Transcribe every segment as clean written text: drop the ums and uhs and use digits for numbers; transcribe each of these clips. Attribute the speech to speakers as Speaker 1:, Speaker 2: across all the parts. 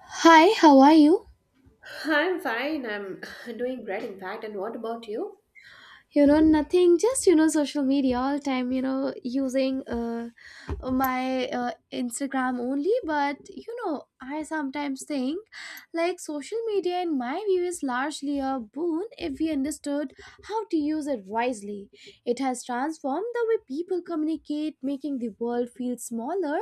Speaker 1: Hi, how are you?
Speaker 2: I'm fine. I'm Doing great, in fact. And what about you?
Speaker 1: Nothing, just, social media all time, using my Instagram only. But, I sometimes think like social media, in my view, is largely a boon if we understood how to use it wisely. It has transformed the way people communicate, making the world feel smaller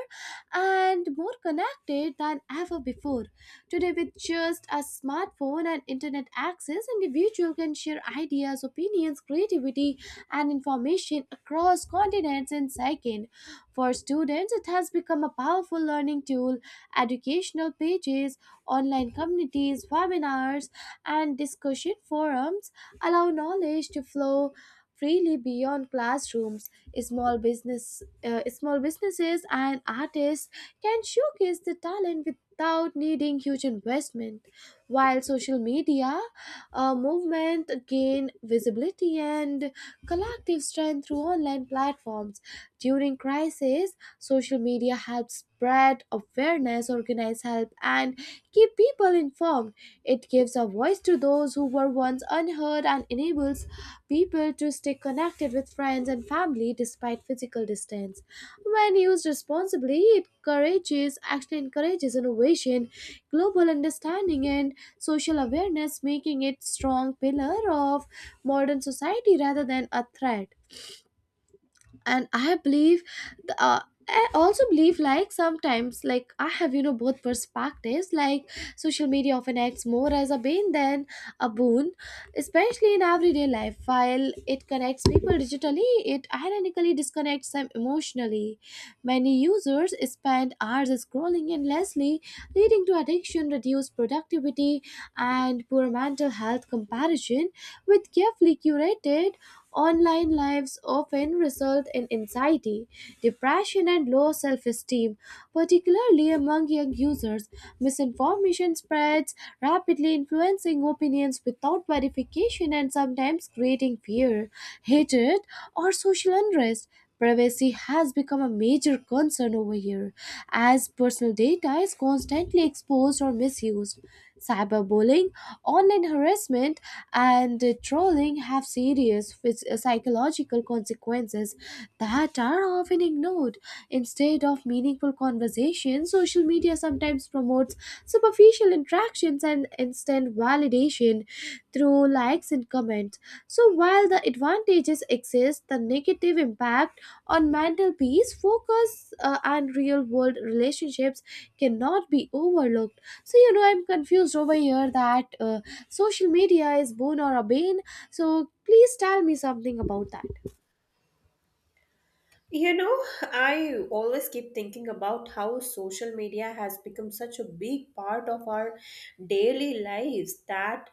Speaker 1: and more connected than ever before. Today, with just a smartphone and internet access, individual can share ideas, opinions, creativity, and information across continents in seconds. For students, it has become a powerful learning tool. Educational pages, online communities, webinars, and discussion forums allow knowledge to flow freely beyond classrooms. Small business small businesses and artists can showcase their talent without needing huge investment, while social media movement gain visibility and collective strength through online platforms. During crisis, social media helps spread awareness, organize help, and keep people informed. It gives a voice to those who were once unheard and enables people to stay connected with friends and family despite physical distance. When used responsibly, it encourages actually encourages innovation, global understanding, and social awareness, making it strong pillar of modern society rather than a threat. And I believe the, uh, I also believe, like, sometimes, like, I have, both perspectives, like social media often acts more as a bane than a boon, especially in everyday life. While it connects people digitally, it ironically disconnects them emotionally. Many users spend hours scrolling endlessly, leading to addiction, reduced productivity, and poor mental health. Comparison with carefully curated online lives often result in anxiety, depression, and low self esteem, particularly among young users. Misinformation spreads rapidly, influencing opinions without verification and sometimes creating fear, hatred, or social unrest. Privacy has become a major concern over here, as personal data is constantly exposed or misused. Cyberbullying, online harassment, and trolling have serious psychological consequences that are often ignored. Instead of meaningful conversations, social media sometimes promotes superficial interactions and instant validation through like likes and comments. So while the advantages exist, the negative impact on mental peace, focus, and real world relationships cannot be overlooked. So, I'm confused over here that social media is boon or a bane. So please tell me something about that.
Speaker 2: You know, I always keep thinking about how social media has become such a big part of our daily lives that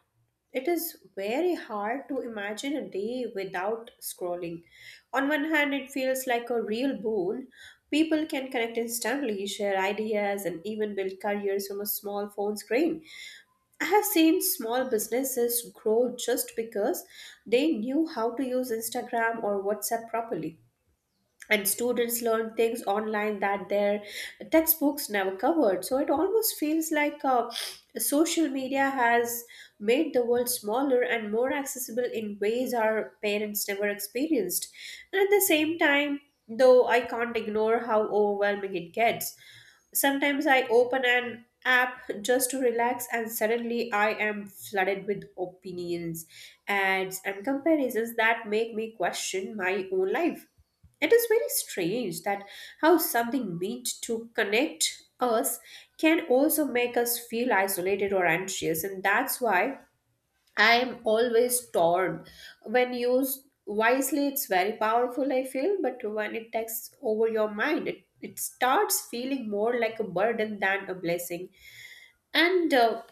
Speaker 2: it is very hard to imagine a day without scrolling. On one hand, it feels like a real boon. People can connect instantly, share ideas, and even build careers from a small phone screen. I have seen small businesses grow just because they knew how to use Instagram or WhatsApp properly, and students learn things online that their textbooks never covered. So it almost feels like social media has made the world smaller and more accessible in ways our parents never experienced. And at the same time, though, I can't ignore how overwhelming it gets. Sometimes I open an app just to relax and suddenly I am flooded with opinions, ads, and comparisons that make me question my own life. It is very strange that how something meant to connect us can also make us feel isolated or anxious, and that's why I am always torn. When used wisely, it's very powerful, I feel, but when it takes over your mind, it starts feeling more like a burden than a blessing. And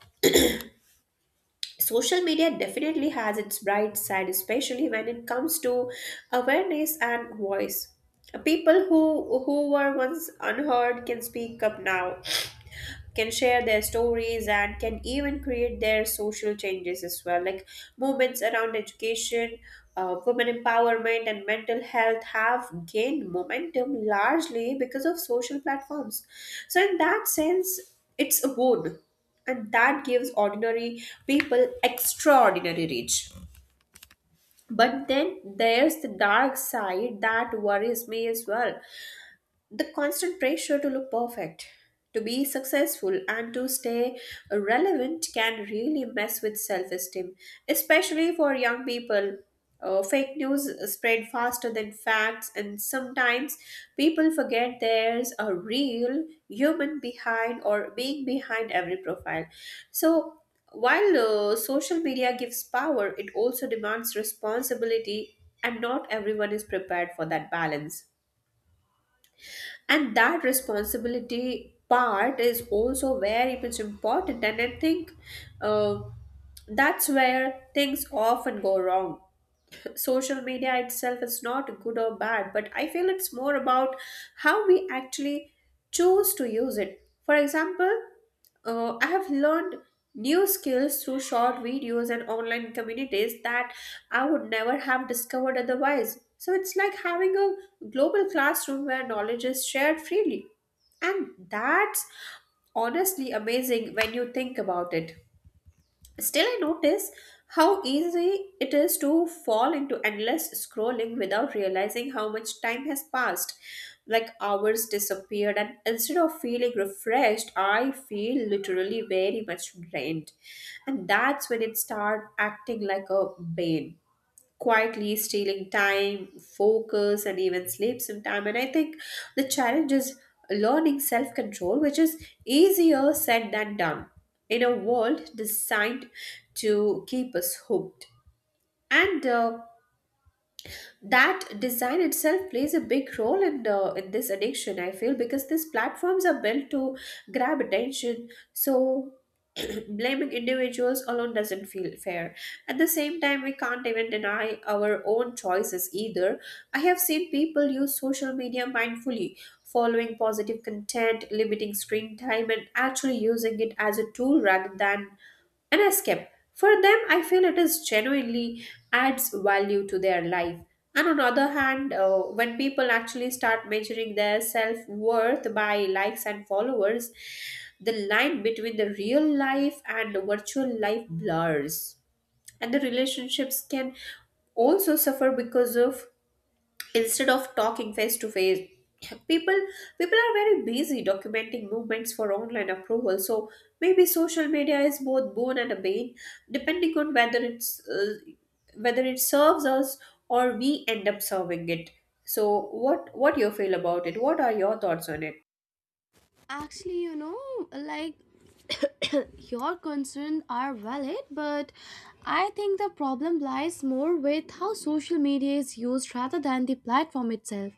Speaker 2: social media definitely has its bright side, especially when it comes to awareness and voice. People who were once unheard can speak up now, can share their stories, and can even create their social changes as well, like movements around education, women empowerment, and mental health have gained momentum largely because of social platforms. So in that sense, it's a boon, and that gives ordinary people extraordinary reach. But then there's the dark side that worries me as well. The constant pressure to look perfect, to be successful, and to stay relevant can really mess with self esteem, especially for young people. Fake news spread faster than facts, and sometimes people forget there's a real human behind or being behind every profile. So, while social media gives power, it also demands responsibility, and not everyone is prepared for that balance. And that responsibility part is also very much important, and I think uh, that's where things often go wrong. Social media itself is not good or bad, but I feel it's more about how we actually choose to use it. For example, I have learned new skills through short videos and online communities that I would never have discovered otherwise. So it's like having a global classroom where knowledge is shared freely. And that's honestly amazing when you think about it. Still, I notice how easy it is to fall into endless scrolling without realizing how much time has passed. Like hours disappeared, and instead of feeling refreshed, I feel literally very much drained. And that's when it starts acting like a bane, quietly stealing time, focus, and even sleep sometime. And I think the challenge is learning self control, which is easier said than done in a world designed to keep us hooked. And that design itself plays a big role in this addiction, I feel, because these platforms are built to grab attention. So blaming individuals alone doesn't feel fair. At the same time, we can't even deny our own choices either. I have seen people use social media mindfully, following positive content, limiting screen time, and actually using it as a tool rather than an escape. For them, I feel it is genuinely adds value to their life. And on the other hand, when people actually start measuring their self worth by likes and followers, the line between the real life and the virtual life blurs. And the relationships can also suffer because of, instead of talking face to face, people people are very busy documenting movements for online approval. So maybe social media is both boon and a bane, depending on whether it's whether it serves us or we end up serving it. So what do you feel about it? What are your thoughts on it?
Speaker 1: Actually, like your concerns are valid, but I think the problem lies more with how social media is used rather than the platform itself.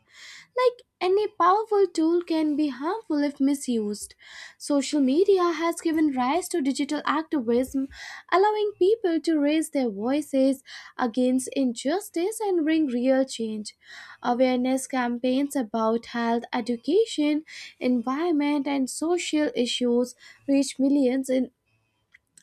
Speaker 1: Like any powerful tool can be harmful if misused. Social media has given rise to digital activism, allowing people to raise their voices against injustice and bring real change. Awareness campaigns about health, education, environment, and social issues reach millions in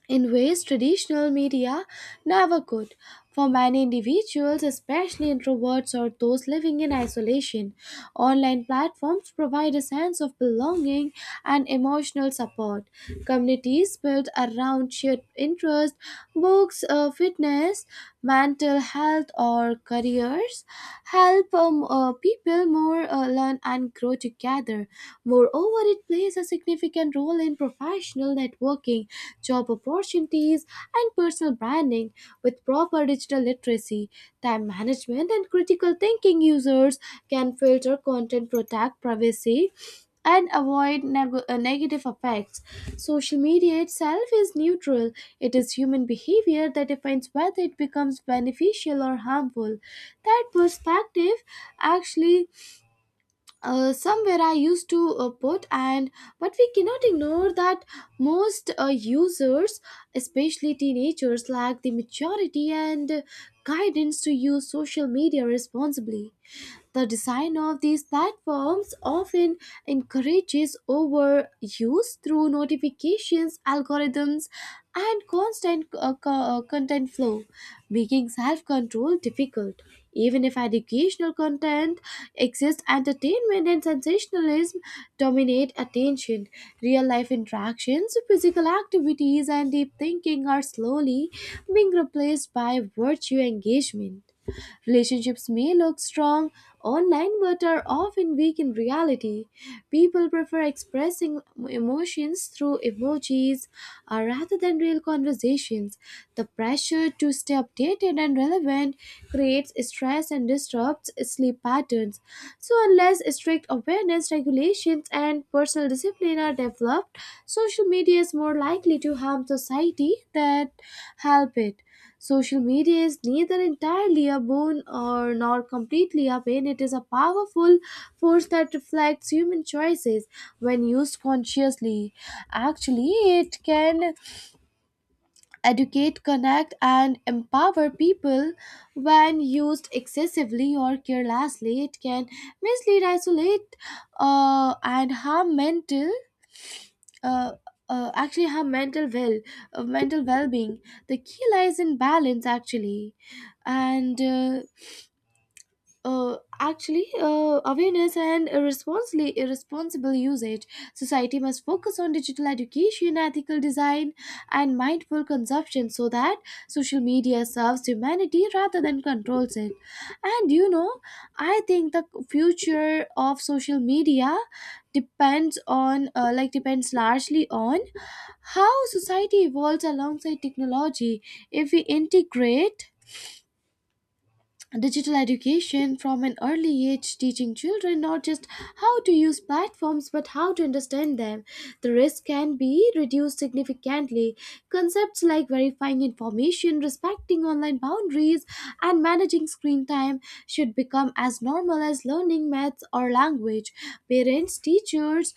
Speaker 1: in ways traditional media never could. For many individuals, especially introverts or those living in isolation, online platforms provide a sense of belonging and emotional support. Communities built around shared interests, books, fitness, mental health, or careers help people more learn and grow together. Moreover, it plays a significant role in professional networking, job opportunities, and personal branding. With proper digital literacy, time management, and critical thinking, users can filter content, protect privacy, and avoid negative effects. Social media itself is neutral. It is human behavior that defines whether it becomes beneficial or harmful. That perspective actually, somewhere I used to put, and but we cannot ignore that most users, especially teenagers, lack the maturity and guidance to use social media responsibly. The design of these platforms often encourages overuse through notifications, algorithms, and constant content flow, making self control difficult. Even if educational content exists, entertainment and sensationalism dominate attention. Real life interactions, physical activities, and deep thinking are slowly being replaced by virtue engagement. Relationships may look strong online but are often weak in reality. People prefer expressing emotions through emojis rather than real conversations. The pressure to stay updated and relevant creates stress and disrupts sleep patterns. So, unless strict awareness, regulations, and personal discipline are developed, social media is more likely to harm society than help it. Social media is neither entirely a boon or nor completely a pain. It is a powerful force that reflects human choices when used consciously. Actually, it can educate, connect, and empower people. When used excessively or carelessly, it can mislead, isolate, and harm mental uh, actually her mental well mental well-being. The key lies in balance, actually, and actually awareness and irresponsibly irresponsible usage. Society must focus on digital education, ethical design, and mindful consumption, so that social media serves humanity rather than controls it. And I think the future of social media depends on depends largely on how society evolves alongside technology. If we integrate digital education from an early age, teaching children not just how to use platforms but how to understand them, the risk can be reduced significantly. Concepts like verifying information, respecting online boundaries, and managing screen time should become as normal as learning maths or language. Parents, teachers,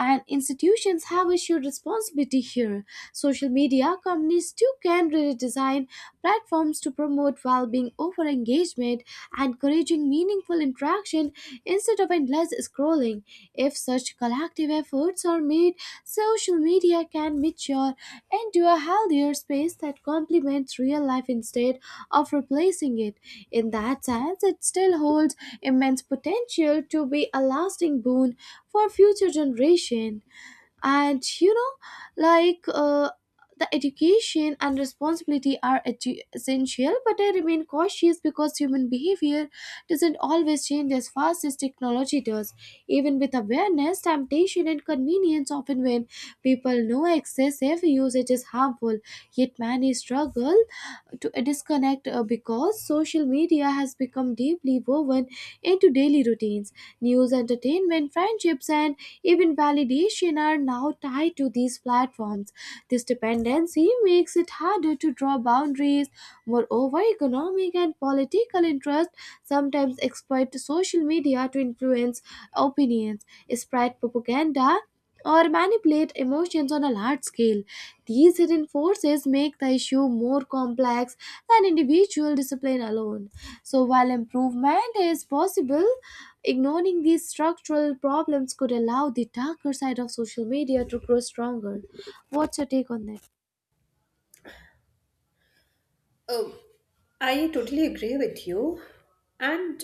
Speaker 1: and institutions have a shared responsibility here. Social media companies too can really design platforms to promote well-being over engagement, encouraging meaningful interaction instead of endless scrolling. If such collective efforts are made, social media can mature into a healthier space that complements real life instead of replacing it. In that sense, it still holds immense potential to be a lasting boon for future generation. And the education and responsibility are essential, but I remain cautious because human behavior doesn't always change as fast as technology does. Even with awareness, temptation and convenience often win. People know excessive usage is harmful, yet many struggle to disconnect, because social media has become deeply woven into daily routines. News, entertainment, friendships, and even validation are now tied to these platforms. This dependency makes it harder to draw boundaries. Moreover, economic and political interests sometimes exploit social media to influence opinions, spread propaganda, or manipulate emotions on a large scale. These hidden forces make the issue more complex than individual discipline alone. So, while improvement is possible, ignoring these structural problems could allow the darker side of social media to grow stronger. What's your take on that?
Speaker 2: Oh, I totally agree with you. And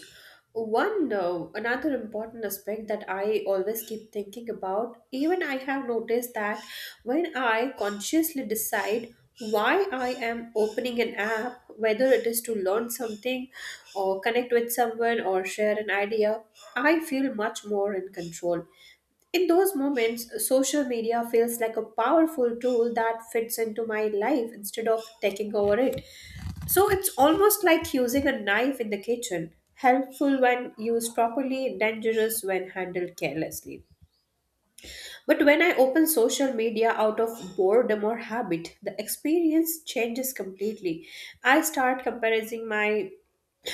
Speaker 2: one another important aspect that I always keep thinking about, even I have noticed that when I consciously decide why I am opening an app, whether it is to learn something or connect with someone or share an idea, I feel much more in control. In those moments, social media feels like a powerful tool that fits into my life instead of taking over it. So it's almost like using a knife in the kitchen, helpful when used properly, dangerous when handled carelessly. But when I open social media out of boredom or habit, the experience changes completely. I start comparing my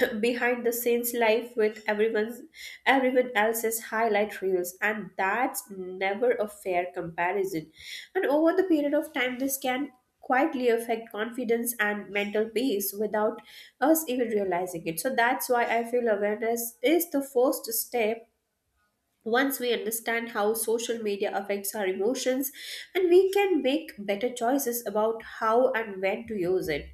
Speaker 2: behind the scenes life with everyone else's highlight reels, and that's never a fair comparison. And over the period of time, this can quietly affect confidence and mental peace without us even realizing it. So that's why I feel awareness is the first step. Once we understand how social media affects our emotions, and we can make better choices about how and when to use it.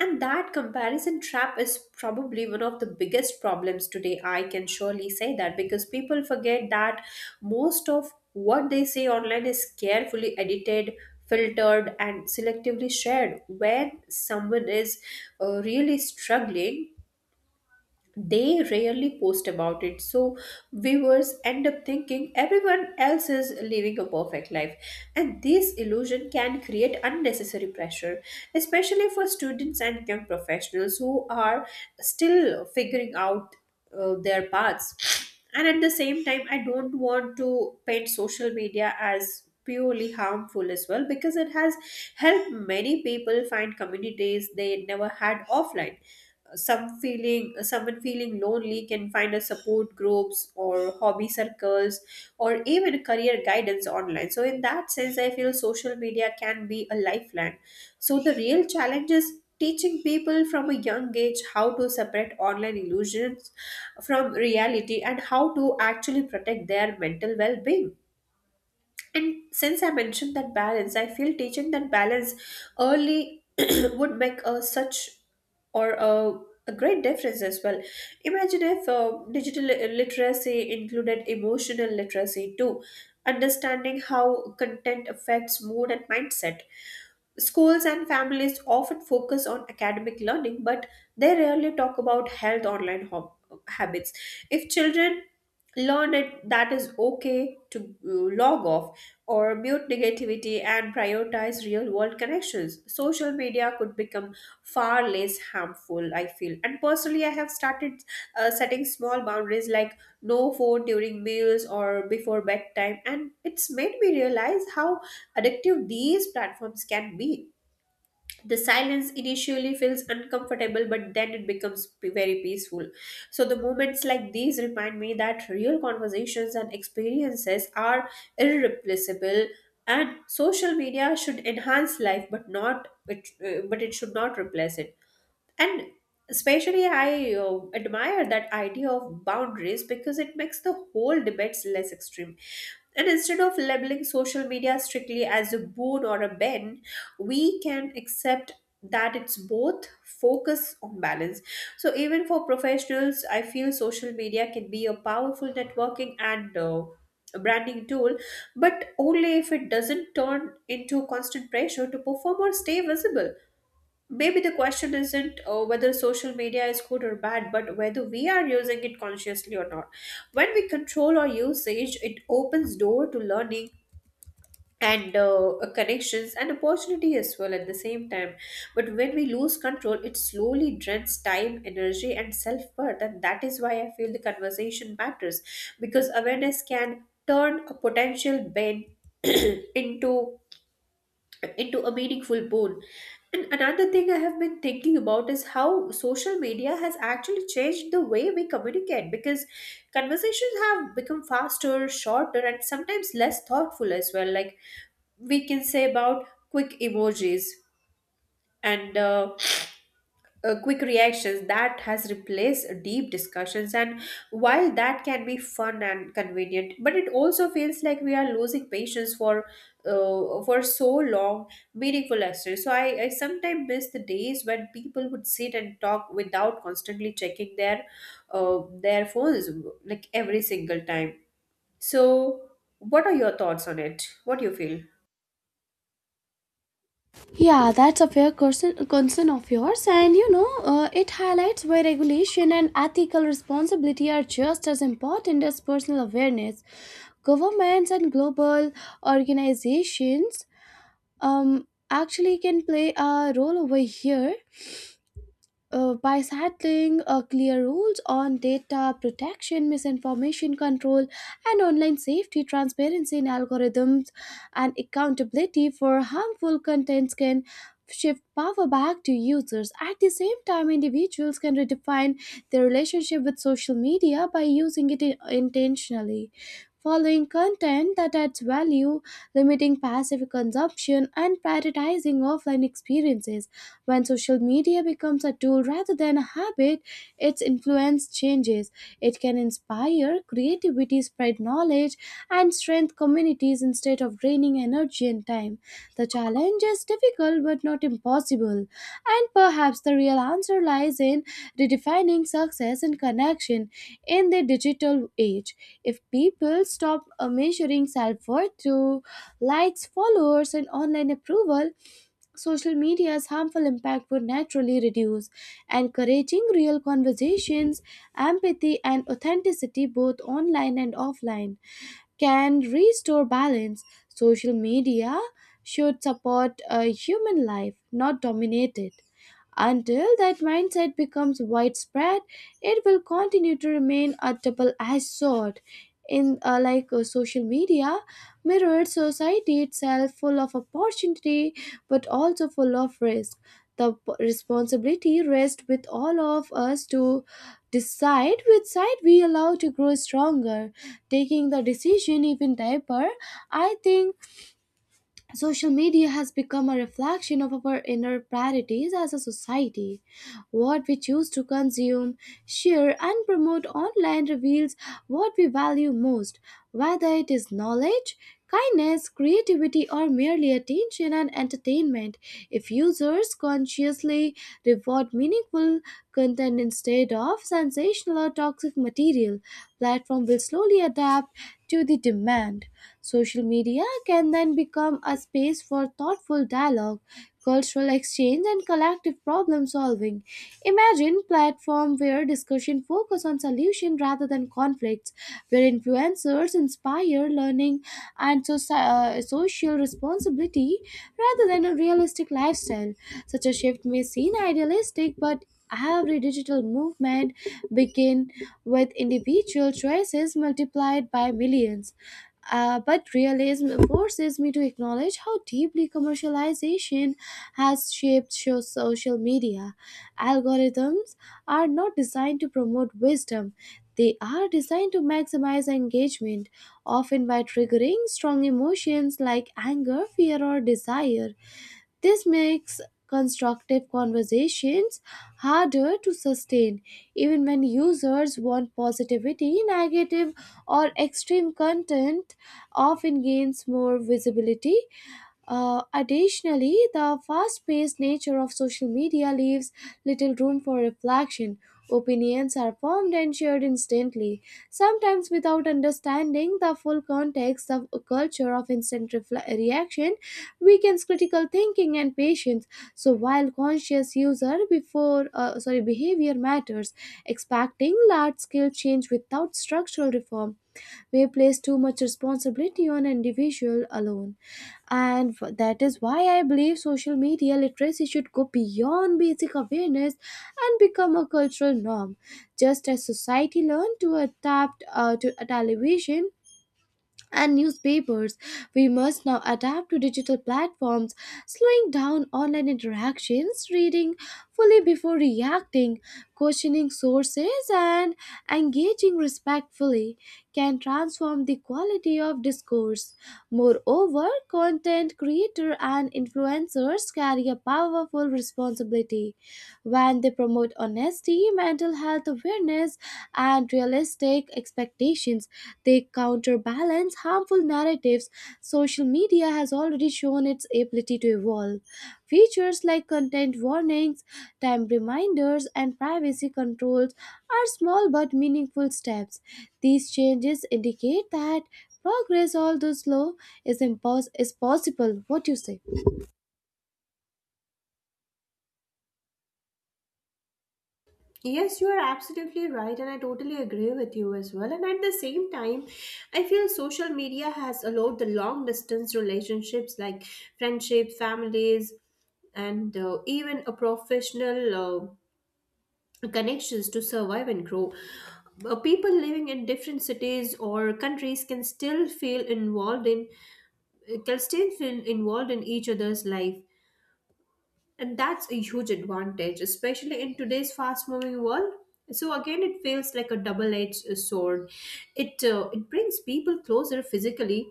Speaker 2: And that comparison trap is probably one of the biggest problems today. I can surely say that because people forget that most of what they say online is carefully edited, filtered, and selectively shared. When someone is really struggling, they rarely post about it. So viewers end up thinking everyone else is living a perfect life, and this illusion can create unnecessary pressure, especially for students and young professionals who are still figuring out their paths. And at the same time, I don't want to paint social media as purely harmful as well, because it has helped many people find communities they never had offline. Someone feeling lonely can find a support groups or hobby circles or even career guidance online. So in that sense, I feel social media can be a lifeline. So the real challenge is teaching people from a young age how to separate online illusions from reality and how to actually protect their mental well-being. And since I mentioned that balance, I feel teaching that balance early would make a such or a, a great difference as well. Imagine if literacy included emotional literacy too, understanding how content affects mood and mindset. Schools and families often focus on academic learning, but they rarely talk about health online habits. If children learn it, that is okay to log off or mute negativity and prioritize real world connections. Social media could become far less harmful, I feel. And personally, I have started setting small boundaries like no phone during meals or before bedtime, and it's made me realize how addictive these platforms can be. The silence initially feels uncomfortable, but then it becomes very peaceful. So, the moments like these remind me that real conversations and experiences are irreplaceable. And social media should enhance life, but not it, but it should not replace it. And especially I admire that idea of boundaries because it makes the whole debates less extreme. And instead of labeling social media strictly as a boon or a ben, we can accept that it's both, focus on balance. So even for professionals, I feel social media can be a powerful networking and branding tool, but only if it doesn't turn into constant pressure to perform or stay visible. Maybe the question isn't whether social media is good or bad, but whether we are using it consciously or not. When we control our usage, it opens door to learning and connections and opportunity as well at the same time. But when we lose control, it slowly drains time, energy, and self worth, and that is why I feel the conversation matters because awareness can turn a potential bane into into a meaningful bone. And another thing I have been thinking about is how social media has actually changed the way we communicate, because conversations have become faster, shorter, and sometimes less thoughtful as well. Like, we can say about quick emojis and quick reactions that has replaced deep discussions. And while that can be fun and convenient, but it also feels like we are losing patience for so long meaningful lessons. So I sometimes miss the days when people would sit and talk without constantly checking their phones, like every single time. So what are your thoughts on it? What do you feel?
Speaker 1: Yeah, that's a fair concern of yours, and it highlights why regulation and ethical responsibility are just as important as personal awareness. Governments and global organizations actually can play a role over here, by settling clear rules on data protection, misinformation control, and online safety. Transparency in algorithms, and accountability for harmful contents can shift power back to users. At the same time, individuals can redefine their relationship with social media by using it intentionally. Following content that adds value, limiting passive consumption, and prioritizing offline experiences. When social media becomes a tool rather than a habit, its influence changes. It can inspire creativity, spread knowledge, and strengthen communities instead of draining energy and time. The challenge is difficult but not impossible. And perhaps the real answer lies in redefining success and connection in the digital age. If people stop measuring self worth through likes, followers, and online approval, social media's harmful impact would naturally reduce, encouraging real conversations, empathy, and authenticity both online and offline can restore balance. Social media should support a human life, not dominate it. Until that mindset becomes widespread, it will continue to remain a double edged sword. In like Social media mirrored society itself, full of opportunity but also full of risk. The responsibility rests with all of us to decide which side we allow to grow stronger. Taking the decision even deeper, I think social media has become a reflection of our inner priorities as a society. What we choose to consume, share, and promote online reveals what we value most, whether it is knowledge, kindness, creativity, or merely attention and entertainment. If users consciously reward meaningful content instead of sensational or toxic material, platform will slowly adapt to the demand. Social media can then become a space for thoughtful dialogue, cultural exchange, and collective problem solving. Imagine platform where discussion focus on solution rather than conflicts, where influencers inspire learning and social responsibility rather than a realistic lifestyle. Such a shift may seem idealistic, but every digital movement begin with individual choices multiplied by millions. But realism forces me to acknowledge how deeply commercialization has shaped social media. Algorithms are not designed to promote wisdom, they are designed to maximize engagement, often by triggering strong emotions like anger, fear, or desire. This makes constructive conversations harder to sustain. Even when users want positivity, negative or extreme content often gains more visibility. Additionally, the fast paced nature of social media leaves little room for reflection. Opinions are formed and shared instantly, sometimes without understanding the full context of a culture of instant reaction, weakens critical thinking and patience. So, while conscious user before sorry behavior matters, expecting large scale change without structural reform may place too much responsibility on individual alone that is why I believe social media literacy should go beyond basic awareness and become a cultural norm, just as society learned to adapt to a television and newspapers. We must now adapt to digital platforms. Slowing down online interactions, reading fully before reacting, questioning sources, and engaging respectfully can transform the quality of discourse. Moreover, content creators and influencers carry a powerful responsibility when they promote honesty, mental health awareness, and realistic expectations. They counterbalance harmful narratives. Social media has already shown its ability to evolve. Features like content warnings, time reminders, and privacy controls are small but meaningful steps. These changes indicate that progress, although slow, is possible. What do you say?
Speaker 2: Yes, you are absolutely right, and I totally agree with you as well. And at the same time, I feel social media has allowed the long distance relationships like friendship, families, and even a professional connections to survive and grow. People living in different cities or countries can still feel involved in each other's life, and that's a huge advantage, especially in today's fast moving world. So again, it feels like a double edged sword. It brings people closer physically,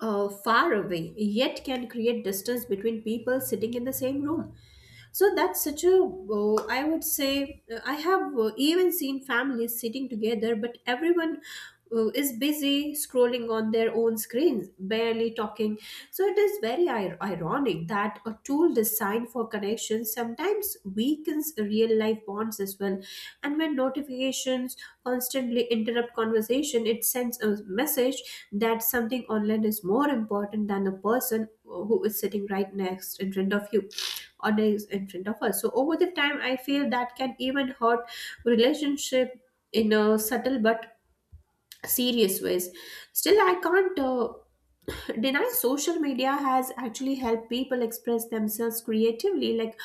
Speaker 2: far away, yet can create distance between people sitting in the same room. So that's such a, I would say, I have even seen families sitting together, but everyone is busy scrolling on their own screens, barely talking. So it is very ironic that a tool designed for connection sometimes weakens real life bonds as well. And when notifications constantly interrupt conversation, it sends a message that something online is more important than the person who is sitting right next in front of you or days in front of us. So over the time I feel that can even hurt relationship in a subtle but serious ways. Still I can't deny social media has actually helped people express themselves creatively, like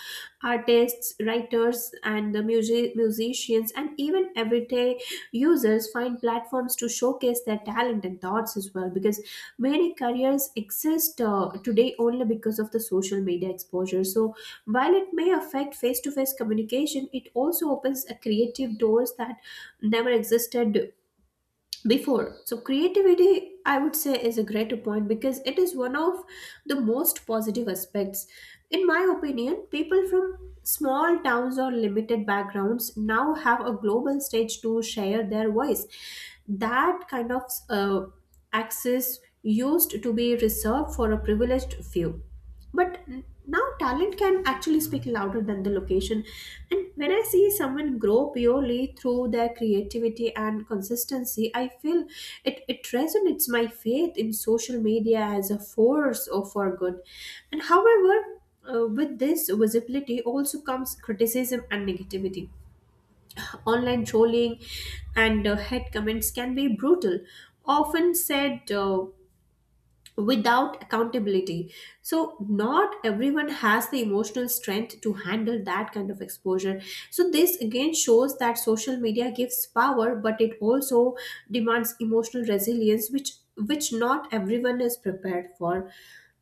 Speaker 2: artists, writers, and the musicians, and even everyday users find platforms to showcase their talent and thoughts as well, because many careers exist today only because of the social media exposure. So while it may affect face-to-face communication, it also opens a creative doors that never existed before. So creativity, I would say, is a greater point, because it is one of the most positive aspects. In my opinion, people from small towns or limited backgrounds now have a global stage to share their voice. That kind of access used to be reserved for a privileged few. But now talent can actually speak louder than the location. And when I see someone grow purely through their creativity and consistency, I feel it resonates my faith in social media as a force or for good. And however, with this visibility also comes criticism and negativity. Online trolling and head comments can be brutal, often said without accountability. So, not everyone has the emotional strength to handle that kind of exposure. So, this again shows that social media gives power, but it also demands emotional resilience, which not everyone is prepared for.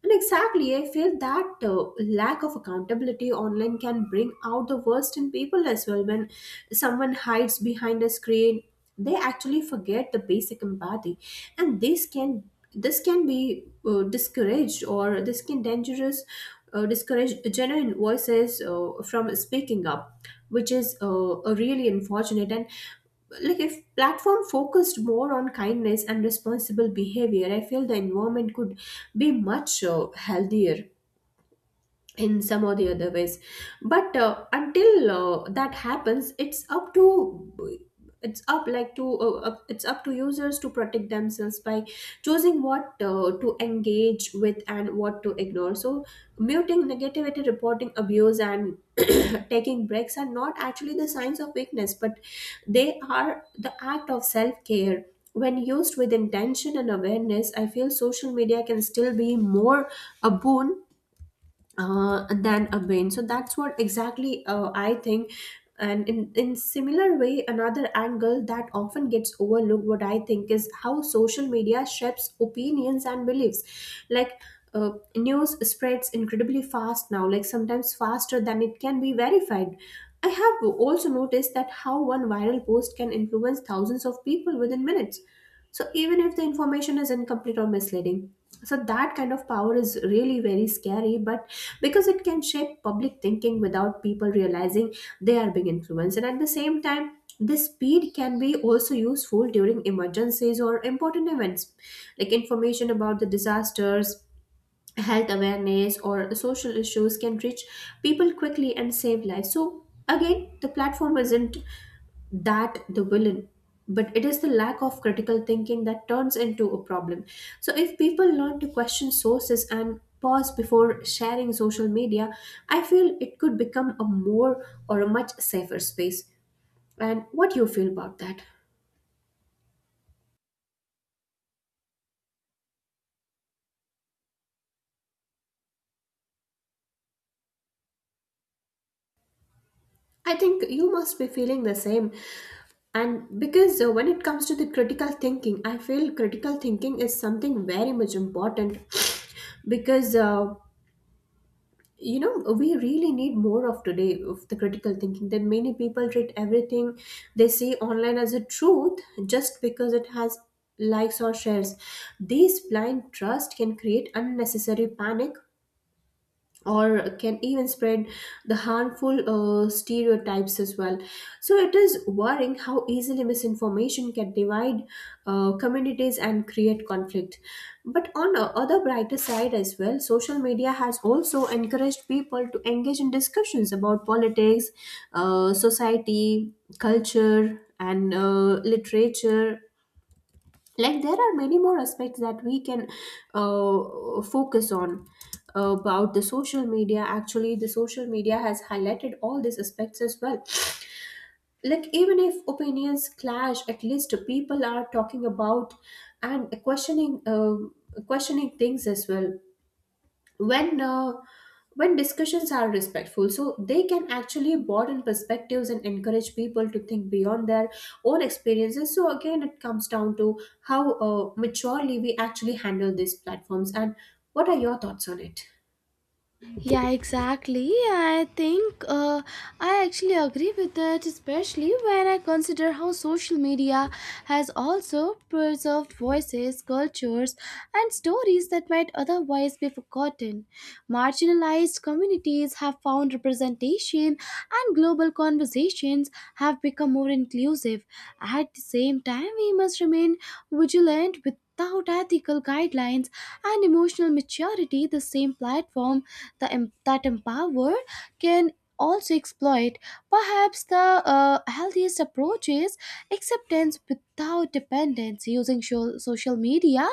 Speaker 2: And exactly, I feel that lack of accountability online can bring out the worst in people as well. When someone hides behind a screen, they actually forget the basic empathy, and this can be discouraged, or this can dangerous discourage genuine voices from speaking up, which is a really unfortunate. And like, if platform focused more on kindness and responsible behavior, I feel the environment could be much healthier in some or the other ways. But until that happens, it's up like to it's up to users to protect themselves by choosing what to engage with and what to ignore. So muting negativity, reporting abuse, and taking breaks are not actually the signs of weakness, but they are the act of self-care. When used with intention and awareness, I feel social media can still be more a boon than a win. So that's what exactly I think. And in similar way, another angle that often gets overlooked, what I think, is how social media shapes opinions and beliefs. Like uh, news spreads incredibly fast now, like sometimes faster than it can be verified. I have also noticed that how one viral post can influence thousands of people within minutes. So even if the information is incomplete or misleading, so that kind of power is really very scary, but because it can shape public thinking without people realizing they are being influenced. And at the same time, this speed can be also useful during emergencies or important events, like information about the disasters, health awareness, or social issues can reach people quickly and save lives. So again, the platform isn't that the villain, but it is the lack of critical thinking that turns into a problem. So if people learn to question sources and pause before sharing social media, I feel it could become a more or a much safer space. And what do you feel about that? I think you must be feeling the same. And because when it comes to the critical thinking, I feel critical thinking is something very much important, because, you know, we really need more of today of the critical thinking, that many people treat everything they see online as a truth, just because it has likes or shares. This blind trust can create unnecessary panic or can even spread the harmful stereotypes as well. So it is worrying how easily misinformation can divide communities and create conflict. But on the other brighter side as well, social media has also encouraged people to engage in discussions about politics, society, culture, and literature. Like there are many more aspects that we can focus on about the social media. Actually the social media has highlighted all these aspects as well. Like even if opinions clash, at least people are talking about and questioning things as well. when uh, when discussions are respectful, so they can actually broaden perspectives and encourage people to think beyond their own experiences. So again, it comes down to how maturely we actually handle these platforms. And what are your thoughts on it?
Speaker 1: Yeah, exactly. I think I actually agree with that, especially when I consider how social media has also preserved voices, cultures, and stories that might otherwise be forgotten. Marginalized communities have found representation, and global conversations have become more inclusive. At the same time, we must remain vigilant. Without ethical guidelines and emotional maturity, the same platform that empower can also exploit. Perhaps the healthiest approach is acceptance without dependence, using social media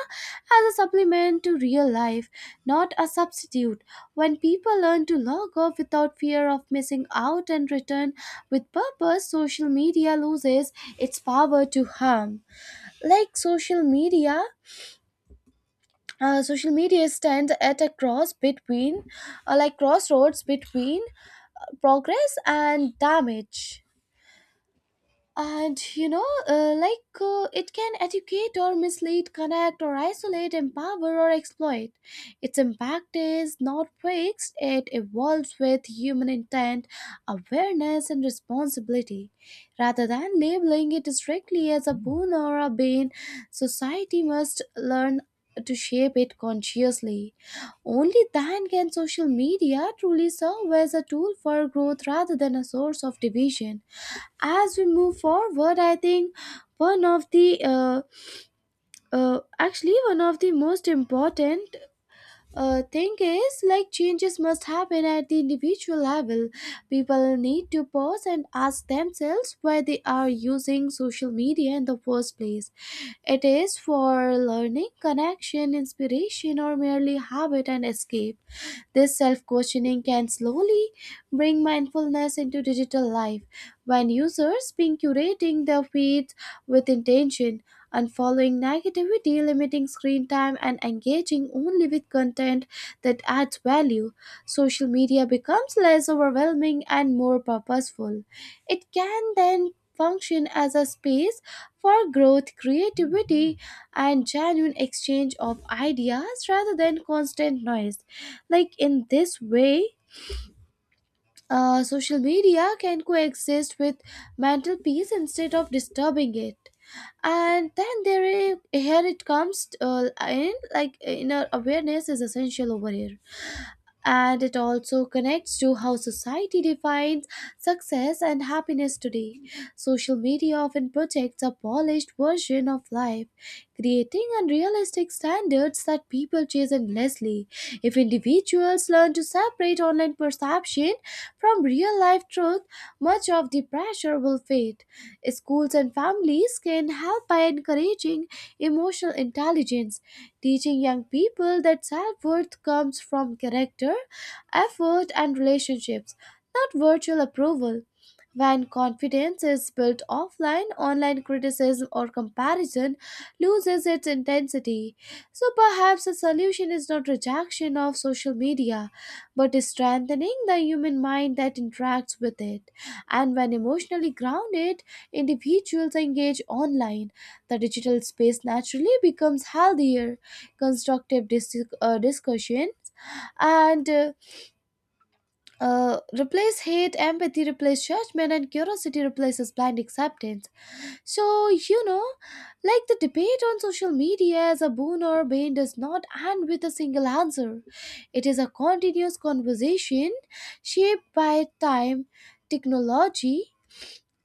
Speaker 1: as a supplement to real life, not a substitute. When people learn to log off without fear of missing out and return with purpose, social media loses its power to harm. like social media Social media stand at a crossroads between progress and damage. And it can educate or mislead, connect or isolate, empower or exploit. Its impact is not fixed. It evolves with human intent, awareness, and responsibility. Rather than labeling it strictly as a boon or a bane, society must learn to shape it consciously. Only then can social media truly serve as a tool for growth rather than a source of division. As we move forward, I think one of the uh, one of the most important thing is, like, changes must happen at the individual level. People need to pause and ask themselves why they are using social media in the first place. It is for learning, connection, inspiration, or merely habit and escape? This self questioning can slowly bring mindfulness into digital life. When users begin curating their feeds with intention, unfollowing negativity, limiting screen time, and engaging only with content that adds value, social media becomes less overwhelming and more purposeful. It can then function as a space for growth, creativity, and genuine exchange of ideas rather than constant noise. Like, in this way, social media can coexist with mental peace instead of disturbing it. And then there is, here it comes, in like inner awareness is essential over here, and it also connects to how society defines success and happiness today. Social media often projects a polished version of life, creating unrealistic standards that people chase endlessly. If individuals learn to separate online perception from real life truth, much of the pressure will fade. Schools and families can help by encouraging emotional intelligence, teaching young people that self worth comes from character, effort, and relationships, not virtual approval. When confidence is built offline, online criticism or comparison loses its intensity. So perhaps the solution is not rejection of social media, but is strengthening the human mind that interacts with it. And when emotionally grounded individuals engage online, the digital space naturally becomes healthier. Discussion and replace hate, empathy replace judgment, and curiosity replaces blind acceptance. So, you know, like, the debate on social media as a boon or bane does not end with a single answer. It is a continuous conversation shaped by time, technology,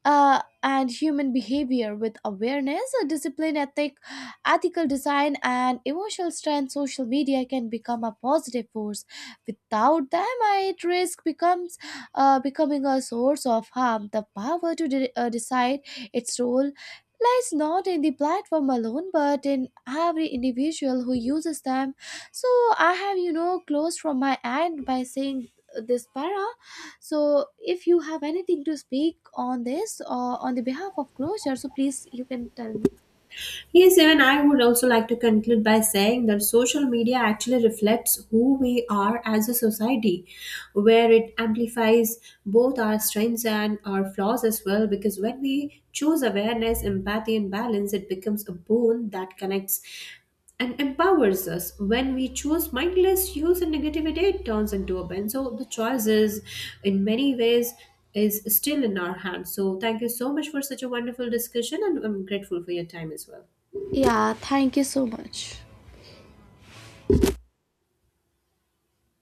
Speaker 1: and human behavior. With awareness, discipline, ethical design, and emotional strength, social media can become a positive force. Without them, it risk becomes becoming a source of harm. The power to decide its role lies not in the platform alone, but in every individual who uses them. So I have, you know, closed from my end by saying this para, so if you have anything to speak on this or on the behalf of closure, so please you can tell me.
Speaker 2: Yes, even I would also like to conclude by saying that social media actually reflects who we are as a society, where it amplifies both our strengths and our flaws as well. Because when we choose awareness, empathy, and balance, it becomes a boon that connects and empowers us. When we choose mindless use and negativity, it turns into a ban. So the choice is, in many ways, is still in our hands. So thank you so much for such a wonderful discussion, and I'm grateful for your time as well.
Speaker 1: Yeah, thank you so much.